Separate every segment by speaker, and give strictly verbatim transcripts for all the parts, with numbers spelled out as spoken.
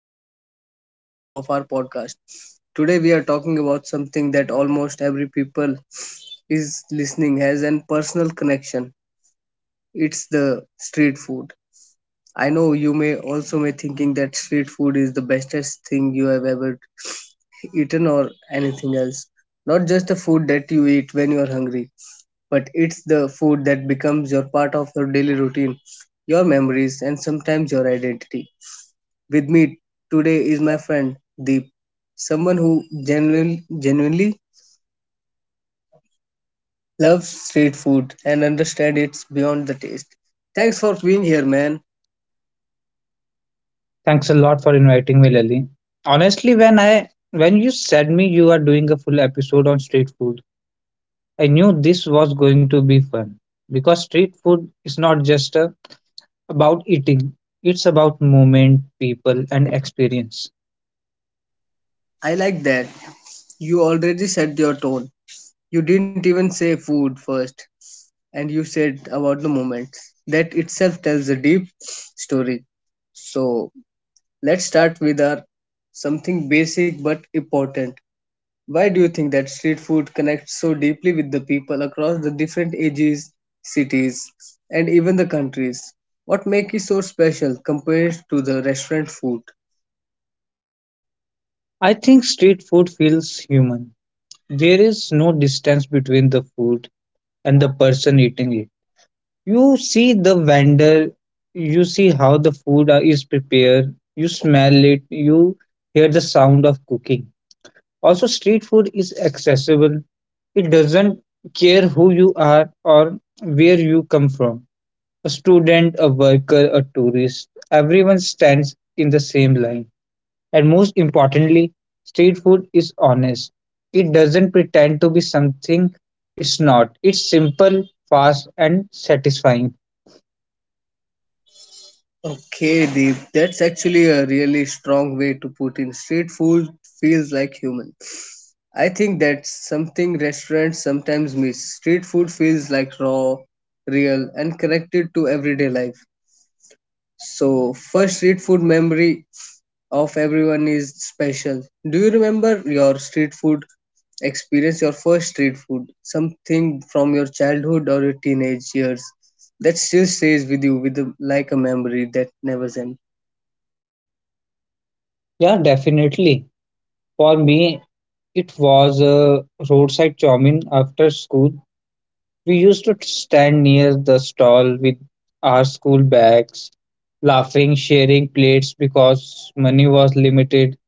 Speaker 1: our another episode of our podcast. Today we are talking about something that almost every people is listening has an personal connection. It's the street food. I know you may also may thinking that street food is the bestest thing you have ever eaten or anything else. Not just the food that you eat when you are hungry, but it's the food that becomes your part of your daily routine, your memories and sometimes your identity. With me today is my friend Deep, someone who genuinely, genuinely loves street food and understands it's beyond the taste. Thanks for being here, man.
Speaker 2: Thanks a lot for inviting me, Lily. Honestly, when I when you said me you are doing a full episode on street food, I knew this was going to be fun because street food is not just uh, about eating; it's about movement, people, and experience.
Speaker 1: I like that. You already set your tone. You didn't even say food first, and you said about the moment. That itself tells a deep story. So let's start with our something basic but important. Why do you think that street food connects so deeply with the people across the different ages, cities, and even the countries? What makes it so special compared to the restaurant food?
Speaker 2: I think street food feels human. There is no distance between the food and the person eating it. You see the vendor, you see how the food uh, is prepared, you smell it, you hear the sound of cooking. Also, street food is accessible. It doesn't care who you are or where you come from. A student, a worker, a tourist, everyone stands in the same line. And most importantly, street food is honest. It doesn't pretend to be something it's not. It's simple, fast, and satisfying.
Speaker 1: Okay, Deep, that's actually a really strong way to put in. Street food feels like human. I think that's something restaurants sometimes miss. Street food feels like raw, real, and connected to everyday life. So, first street food memory of everyone is special. Do you remember your street food experience, your first street food, something from your childhood or your teenage years that still stays with you with a, like a memory that never ends?
Speaker 2: Yeah, definitely. For me, it was a roadside chow mein after school. We used to stand near the stall with our school bags, laughing, sharing plates because money was limited.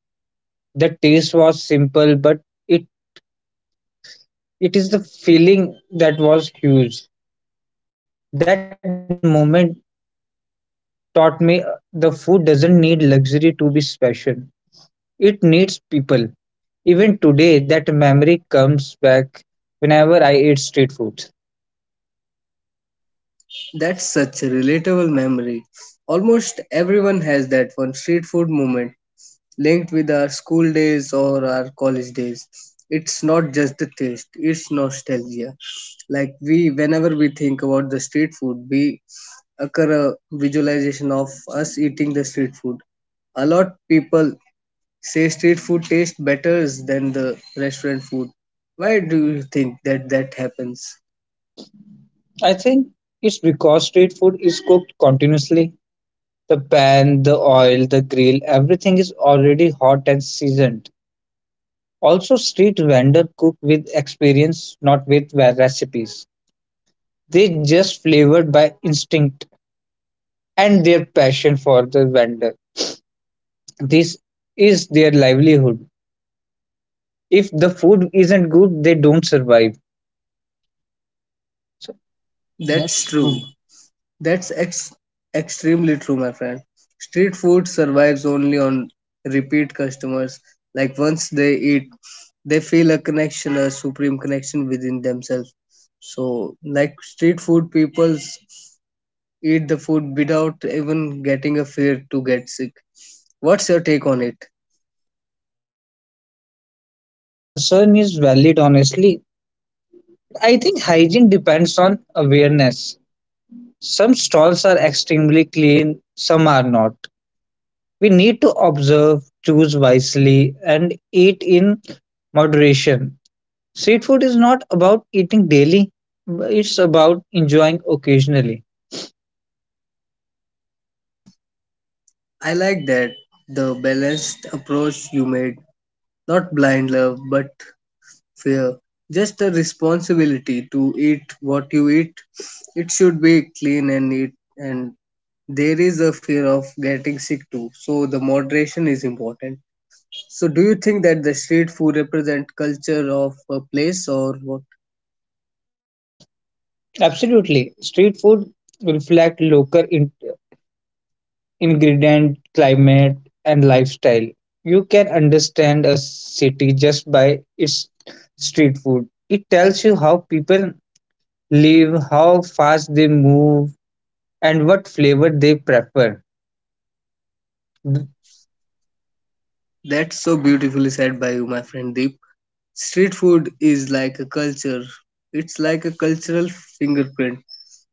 Speaker 2: The taste was simple, but it, it is the feeling that was huge. That moment taught me uh, the food doesn't need luxury to be special, it needs people. Even today, that memory comes back whenever I eat street food.
Speaker 1: That's such a relatable memory. Almost everyone has that one street food moment linked with our school days or our college days. It's not just the taste, it's nostalgia, like we whenever we think about the street food we occur a visualization of us eating the street food. A lot people say street food tastes better than the restaurant food. Why do you think that that happens?
Speaker 2: I think it's because street food is cooked continuously. The pan, the oil, the grill, everything is already hot and seasoned. Also, street vendors cook with experience, not with recipes. They just flavored by instinct and their passion for the vendor. This is their livelihood. If the food isn't good, they don't survive. So
Speaker 1: That's
Speaker 2: that's true.
Speaker 1: true. That's ex- Extremely true, my friend. Street food survives only on repeat customers. Like once they eat, they feel a connection, a supreme connection within themselves. So, like street food, people's eat the food without even getting a fear to get sick. What's your take on it?
Speaker 2: The concern is valid, honestly. I think hygiene depends on awareness. Some stalls are extremely clean, some are not. We need to observe, choose wisely, and eat in moderation. Street food is not about eating daily, it's about enjoying occasionally.
Speaker 1: I like that the balanced approach you made, not blind love but fear. Just the responsibility to eat what you eat. It should be clean and neat, and there is a fear of getting sick too, so the moderation is important. So do you think that the street food represent culture of a place or what?
Speaker 2: Absolutely. Street food reflect local in- ingredient, climate, and lifestyle. You can understand a city just by its street food. It tells you how people live, how fast they move, and what flavor they prefer.
Speaker 1: That's so beautifully said by you, my friend Deep. Street food is like a culture. It's like a cultural fingerprint.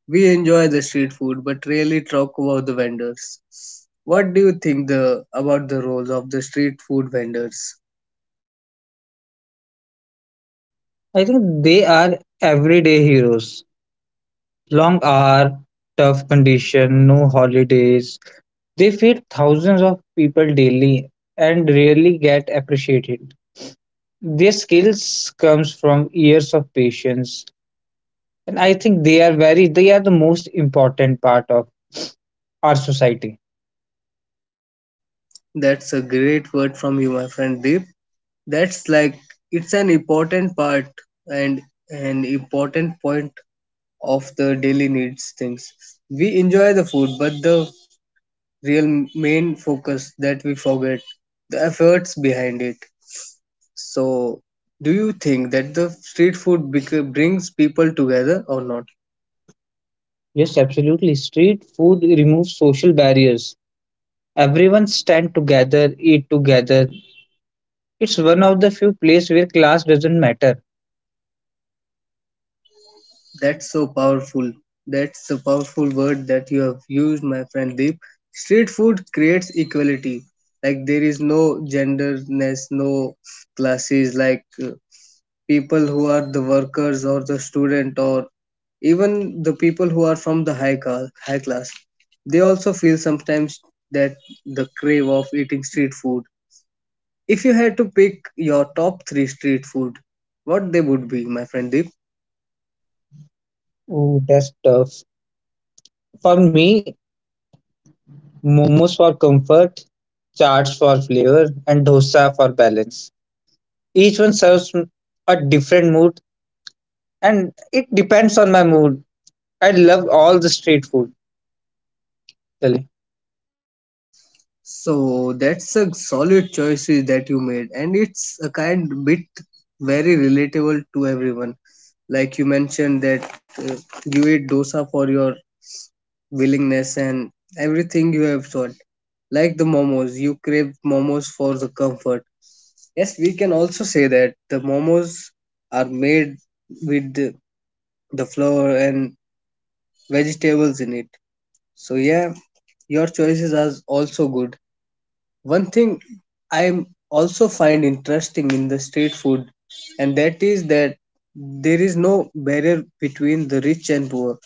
Speaker 1: We enjoy the street food but rarely talk about the vendors. What do you think the about the roles of the street food vendors?
Speaker 2: I think they are everyday heroes. Long hour, tough condition, no holidays. They feed thousands of people daily and rarely get appreciated. Their skills comes from years of patience, and I think they are very they are the most important part of our society.
Speaker 1: That's a great word from you, my friend Deep. That's like it's an important part and an important point of the daily needs things. We enjoy the food, but the real main focus that we forget the efforts behind it. So, do you think that the street food bec- brings people together or not?
Speaker 2: Yes, absolutely. Street food removes social barriers. Everyone stand together, eat together. It's one of the few places where class doesn't matter.
Speaker 1: That's so powerful. That's a powerful word that you have used, my friend Deep. Street food creates equality. Like there is no genderness, no classes. Like uh, people who are the workers or the student, or even the people who are from the high class, high class, they also feel sometimes that the crave of eating street food. If you had to pick your top three street food, what they would be, my friend Deep?
Speaker 2: Ooh, that's tough. For me, momos for comfort, chaats for flavor, and dosa for balance. Each one serves m- a different mood, and it depends on my mood. I love all the street food. Really.
Speaker 1: So that's a solid choices that you made, and it's a kind bit very relatable to everyone. Like you mentioned that uh, you eat dosa for your willingness and everything you have sought. Like the momos, you crave momos for the comfort. Yes, we can also say that the momos are made with the, the flour and vegetables in it. So yeah, your choices are also good. One thing I also find interesting in the street food, and that is that there is no barrier between the rich and poor.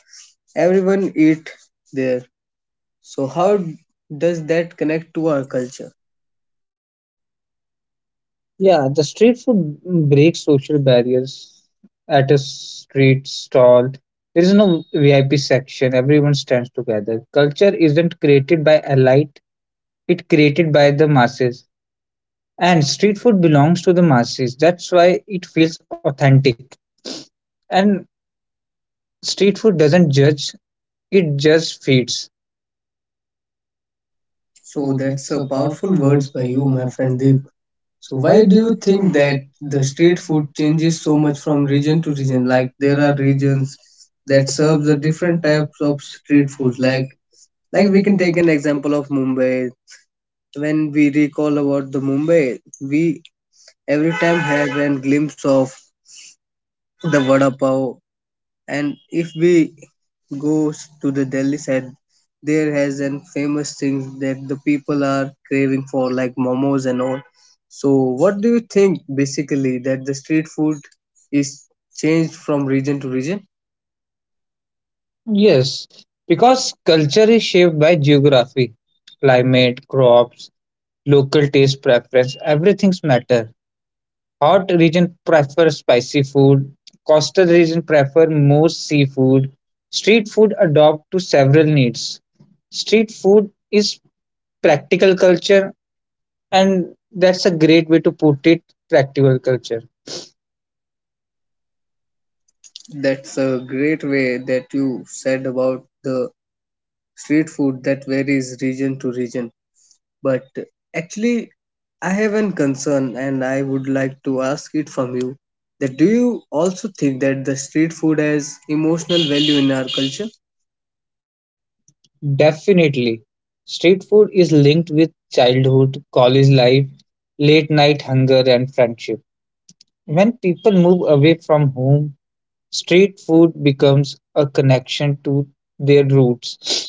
Speaker 1: Everyone eat there. So how does that connect to our culture?
Speaker 2: Yeah, the street food breaks social barriers. At a street stall, there is no V I P section. Everyone stands together. Culture isn't created by a light; it created by the masses. And street food belongs to the masses. That's why it feels authentic. And street food doesn't judge, it just feeds. Oh,
Speaker 1: So
Speaker 2: that's
Speaker 1: that's
Speaker 2: a
Speaker 1: a
Speaker 2: powerful
Speaker 1: powerful
Speaker 2: words
Speaker 1: words
Speaker 2: by
Speaker 1: by
Speaker 2: you,
Speaker 1: you, my
Speaker 2: my friend
Speaker 1: friend
Speaker 2: Deep.
Speaker 1: Deep. So
Speaker 2: So
Speaker 1: why
Speaker 2: why
Speaker 1: do
Speaker 2: do
Speaker 1: you
Speaker 2: you
Speaker 1: think
Speaker 2: think
Speaker 1: that
Speaker 2: that the
Speaker 1: the street
Speaker 2: street
Speaker 1: food
Speaker 2: food
Speaker 1: changes
Speaker 2: changes so
Speaker 1: so much
Speaker 2: much
Speaker 1: from
Speaker 2: from
Speaker 1: region
Speaker 2: region to
Speaker 1: to
Speaker 2: region?
Speaker 1: region?
Speaker 2: Like
Speaker 1: Like there
Speaker 2: there
Speaker 1: are
Speaker 2: are
Speaker 1: regions
Speaker 2: regions that
Speaker 1: that serve
Speaker 2: serve the
Speaker 1: the
Speaker 2: different
Speaker 1: different
Speaker 2: types
Speaker 1: types of
Speaker 2: of
Speaker 1: street
Speaker 2: street food.
Speaker 1: food. Like
Speaker 2: Like
Speaker 1: like
Speaker 2: like
Speaker 1: we
Speaker 2: we can
Speaker 1: can take
Speaker 2: take.
Speaker 1: an example of Mumbai. When we recall about the Mumbai, we every time have a glimpse of the vada pav, and if we go to the Delhi side, there has an famous thing that the people are craving for, like momos and all. So, what do you think basically that the street food is changed from region to region?
Speaker 2: Yes, because culture is shaped by geography, climate, crops, local taste preference, everything's matter. Hot region prefer spicy food. Coastal region prefer more seafood. Street food adopt to several needs. Street food is practical culture, and that's a great way to put it. Practical culture,
Speaker 1: That's a great way that you said about the street food that varies region to region. But actually, I have an concern and I would like to ask it from you that do you also think that the street food has emotional value in our culture?
Speaker 2: definitely. Street food is linked with childhood, college life, late night hunger, and friendship. When people move away from home, street food becomes a connection to their roots.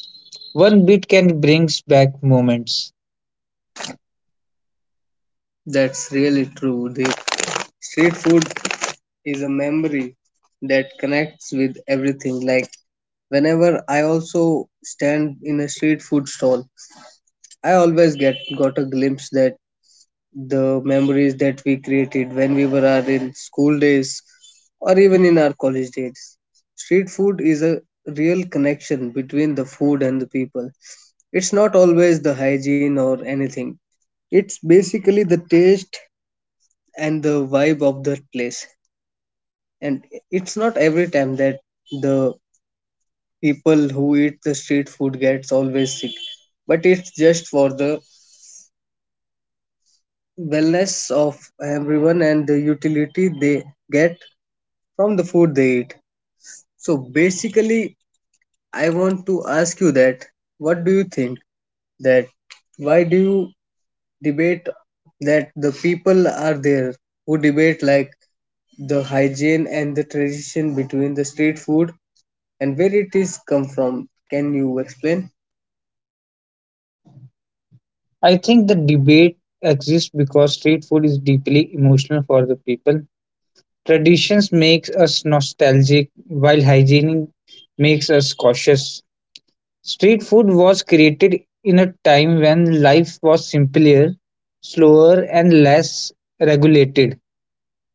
Speaker 2: One bit can bring back moments.
Speaker 1: That's really true. The street food is a memory that connects with everything. Like whenever I also stand in a street food stall, I always get got a glimpse that the memories that we created when we were our in school days or even in our college days. Street food is a real connection between the food and the people. It's not always the hygiene or anything. It's basically the taste and the vibe of the place. And it's not every time that the people who eat the street food gets always sick, but it's just for the wellness of everyone and the utility they get from the food they eat. So basically, I want to ask you that what do you think that why do you debate that the people are there who debate like the hygiene and the tradition between the street food, and where it is come from? Can you explain?
Speaker 2: I think the debate exists because street food is deeply emotional for the people. Traditions makes us nostalgic while hygiene makes us cautious. Street food was created in a time when life was simpler, slower and less regulated.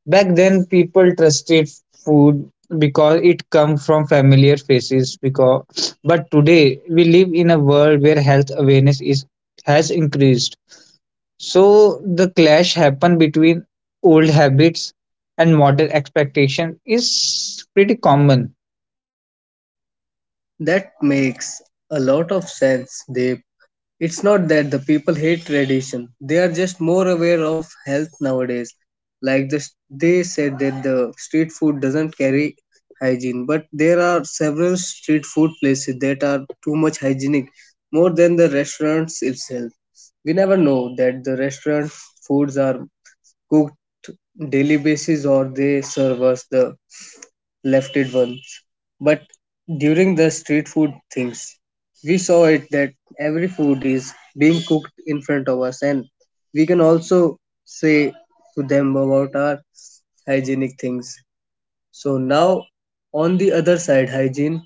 Speaker 2: Back then, people trusted food because it come from familiar faces. Because, but today we live in a world where health awareness is has increased. So the clash happen between old habits and modern expectation is pretty common.
Speaker 1: That makes a lot of sense. They, it's not that the people hate tradition. They are just more aware of health nowadays. Like this, they said that the street food doesn't carry hygiene, but there are several street food places that are too much hygienic, more than the restaurants itself. We never know that the restaurant foods are cooked daily basis or they serve us the left it once. But during the street food things, we saw it that every food is being cooked in front of us, and we can also say to them about our hygienic things. So now, on the other side, hygiene.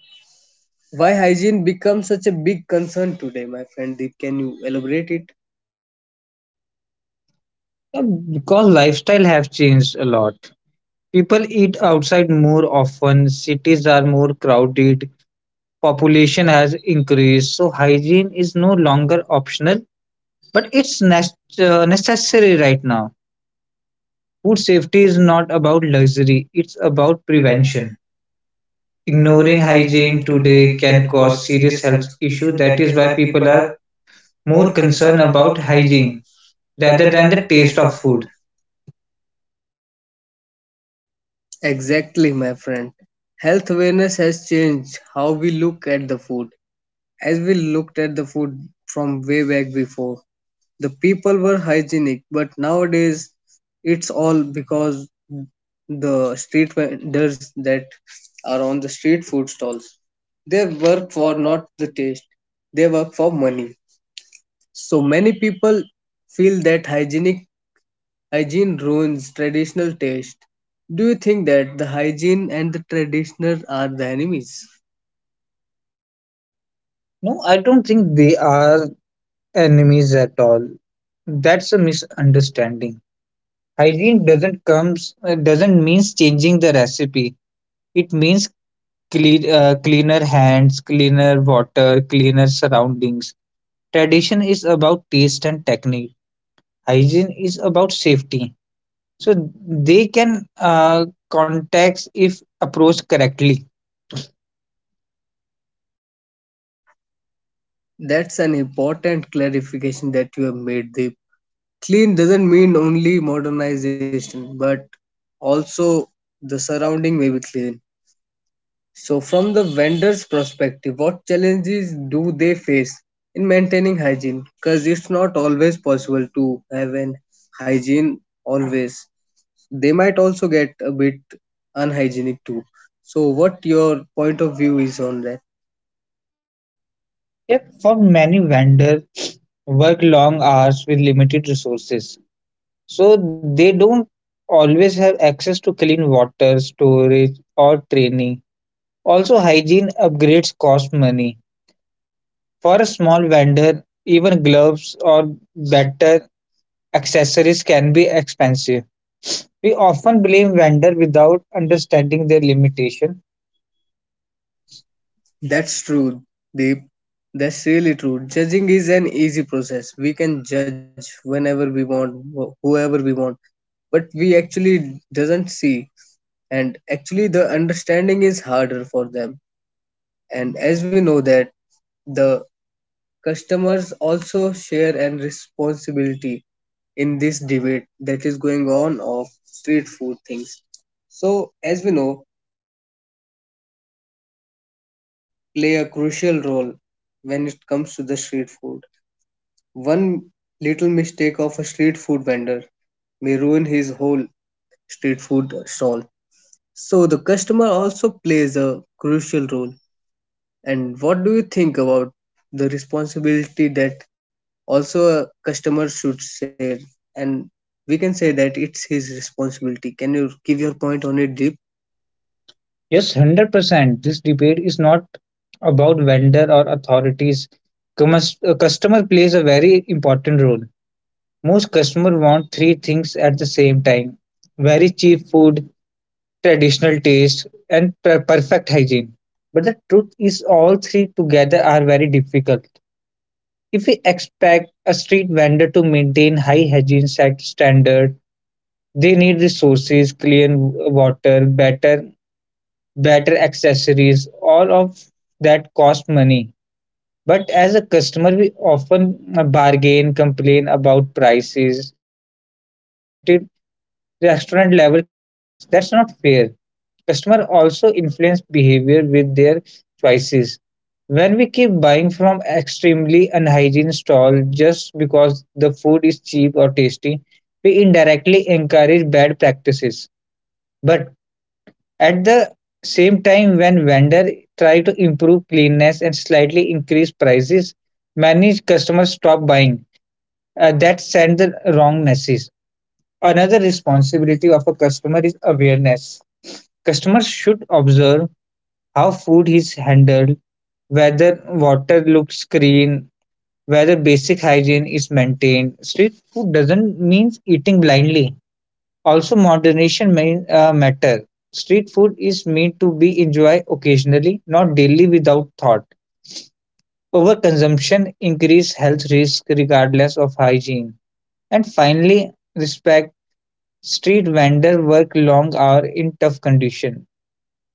Speaker 1: Why hygiene becomes such a big concern today, my friend Deep? Can you elaborate it?
Speaker 2: Yeah, because lifestyle have changed a lot. People eat outside more often. Cities are more crowded. Population has increased, so hygiene is no longer optional, but it's nec- uh, necessary right now. Food safety is not about luxury, it's
Speaker 1: About
Speaker 2: about
Speaker 1: prevention.
Speaker 2: prevention. Ignoring
Speaker 1: Ignoring
Speaker 2: hygiene
Speaker 1: hygiene
Speaker 2: today
Speaker 1: today
Speaker 2: can
Speaker 1: can
Speaker 2: cause
Speaker 1: cause
Speaker 2: serious
Speaker 1: serious
Speaker 2: health
Speaker 1: health
Speaker 2: issues.
Speaker 1: issues.
Speaker 2: That
Speaker 1: That
Speaker 2: is
Speaker 1: is
Speaker 2: why
Speaker 1: why
Speaker 2: people
Speaker 1: people
Speaker 2: are
Speaker 1: are
Speaker 2: more
Speaker 1: more
Speaker 2: concerned
Speaker 1: concerned
Speaker 2: about
Speaker 1: about hygiene
Speaker 2: hygiene
Speaker 1: rather
Speaker 2: rather than
Speaker 1: than
Speaker 2: the
Speaker 1: the taste
Speaker 2: taste of
Speaker 1: of
Speaker 2: food.
Speaker 1: food. Exactly, my friend. Health awareness has changed how we look at the food. As we looked at the food from way back before, the people were hygienic, but nowadays it's all because the street vendors that are on the street food stalls. They work for not the taste, they work for money. So many people feel that hygienic hygiene ruins traditional taste. Do you think that the hygiene and the traditional are the enemies?
Speaker 2: No, I don't think they are enemies at all. That's a misunderstanding. Hygiene doesn't comes uh, doesn't means changing the recipe. It means clean, uh, cleaner hands, cleaner water, cleaner surroundings. Tradition is about taste and technique. Hygiene is about safety. So they can uh, context if approached correctly.
Speaker 1: That's an important clarification that you have made, Deep. Clean doesn't mean only modernization, but also the surrounding may be clean. So, from the vendor's perspective, what challenges do they face in maintaining hygiene? Because it's not always possible to have an hygiene always. They might also get a bit unhygienic too. So what your point of view is on that?
Speaker 2: Yet for many vendors, work long hours with limited resources. So they don't always have access to clean water, storage, or training. Also, hygiene upgrades cost money. For a small vendor, even gloves or better accessories can be expensive. We often blame vendor without understanding their limitation.
Speaker 1: That's true, Deep. That's really true. Judging is an easy process. We can judge whenever we want, wh- whoever we want, but we actually doesn't see. And actually, the understanding is harder for them. And as we know that the customers also share and responsibility in this debate that is going on of street food things. So as we know that the customers also may play a crucial role when it comes to the street food. One little mistake of a street food vendor may ruin his whole street food stall. So the customer also plays a crucial role, and what do you think about the responsibility that also a customer should share? And we can say that it's his responsibility. Can you give your point on it, Deep?
Speaker 2: Yes, one hundred percent. This debate is not about vendor or authorities. Cumus- uh, Customer plays a very important role. Most customers want three things at the same time: very cheap food, traditional taste, and per- perfect hygiene. But the truth is, all three together are very difficult. If we expect a street vendor to maintain high hygiene set standard, they need resources, clean water, better better accessories, all of that cost money. But as a customer, we often bargain, complain about prices, and still expected restaurant level cleanness. That's not fair. Customer also influence behavior with their choices. When we keep buying from extremely unhygiene stall just because the food is cheap or tasty, we indirectly encourage bad practices. But at the same time, when vendor try to improve cleanness and slightly increase prices, many customers stop buying. Uh, that send the wrong message. Another responsibility of a customer is awareness. Customers should observe how food is handled, whether water looks clean, whether basic hygiene is maintained. Street food doesn't mean eating blindly. Also, moderation may uh, matter. Street food is meant to be enjoyed occasionally, not daily without thought. Overconsumption increases health risk regardless of hygiene. And finally, respect. Street vendors work long hours in tough conditions.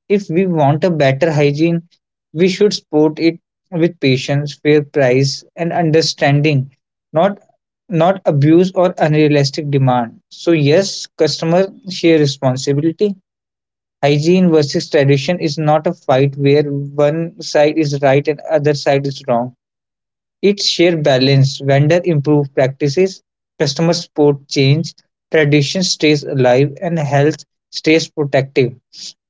Speaker 2: If we want a better hygiene, we should support it with patience, fair price and understanding, not not abuse or unrealistic demand. So yes, customer share responsibility. Hygiene versus tradition is not a fight where one side is right and other side is wrong. Its sheer balance, vendor improve practices, customer support change, tradition stays alive, and health stays protective.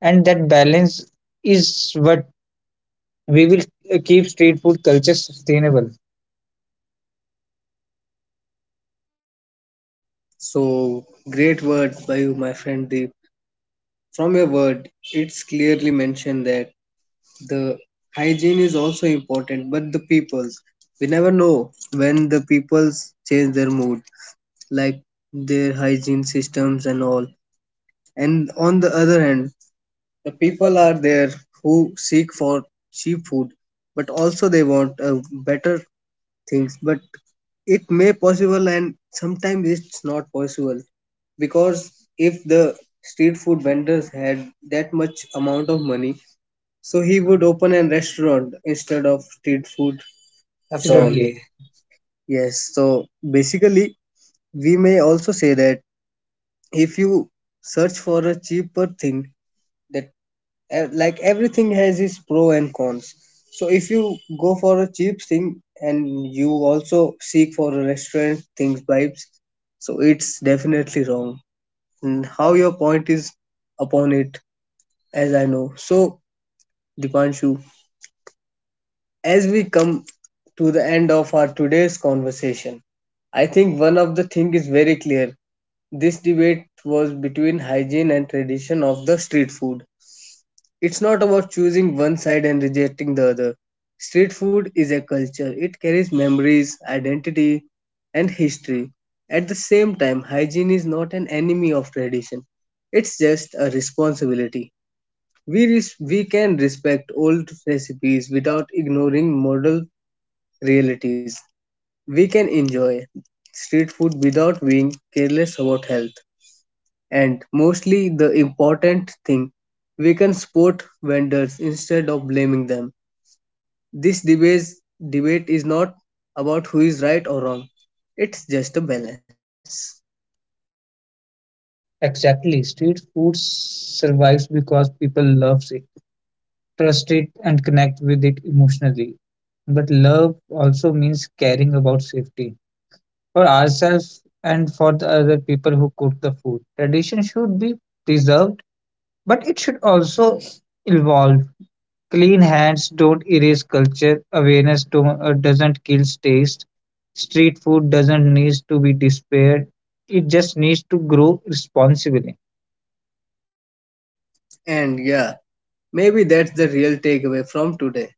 Speaker 2: And that balance is what we will uh, keep street food culture sustainable. Sure.
Speaker 1: So great word by you, my friend Deep. From your word, it's clearly mentioned that the hygiene is also important, but the people's we never know when the people's change their mood, like their hygiene systems and all. And on the other hand, the people are there who seek for cheap food, but also they want uh, better things. But it may possible, and sometimes it's not possible because if the street food vendors had that much amount of money, so he would open a restaurant instead of street food stall.
Speaker 2: Absolutely.
Speaker 1: Absolutely. Yes, so basically, we may also say that if you search for a cheaper thing that ev- like everything has its pro and cons. So if you go for a cheap thing and you also seek for a restaurant things vibes, so it's definitely wrong. And how your point is upon it, as I know. So Dipanshu, as we come to the end of our today's conversation, I think one of the thing is very clear. This debate was between hygiene and tradition of the street food. It's not about choosing one side and rejecting the other. Street food is a culture. It carries memories, identity, and history. At the same time, hygiene is not an enemy of tradition. It's just a responsibility. We, res- we can respect old recipes without ignoring modern realities. We can enjoy street food without being careless about health, and mostly the important thing, we can support vendors instead of blaming them. This debate debate is not about who is right or wrong, it's just a balance.
Speaker 2: Exactly. Street food survives because people love it, trust it, and connect with it emotionally. But love also means caring about safety for ourselves and for the other people who cook the food. Tradition should be preserved, but it should also evolve. Clean hands don't erase culture, awareness don't, uh, doesn't kill taste, street food doesn't need to be despaired, it just needs to grow responsibly.
Speaker 1: And yeah, maybe that's the real takeaway from today.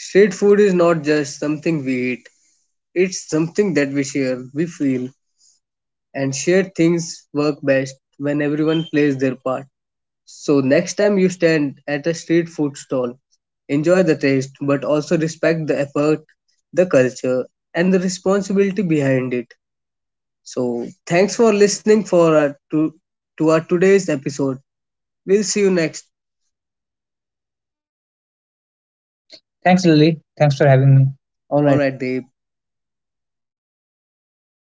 Speaker 1: Street food is not just something we eat, it's something that we share, we feel, and shared things work best when everyone plays their part. So next time you stand at a street food stall, enjoy the taste but also respect the effort, the culture, and the responsibility behind it. So thanks for listening for our to, to our today's episode. We'll see you next.
Speaker 2: Thanks, Lily. Thanks for having me. All
Speaker 1: All
Speaker 2: right.
Speaker 1: right, Dave.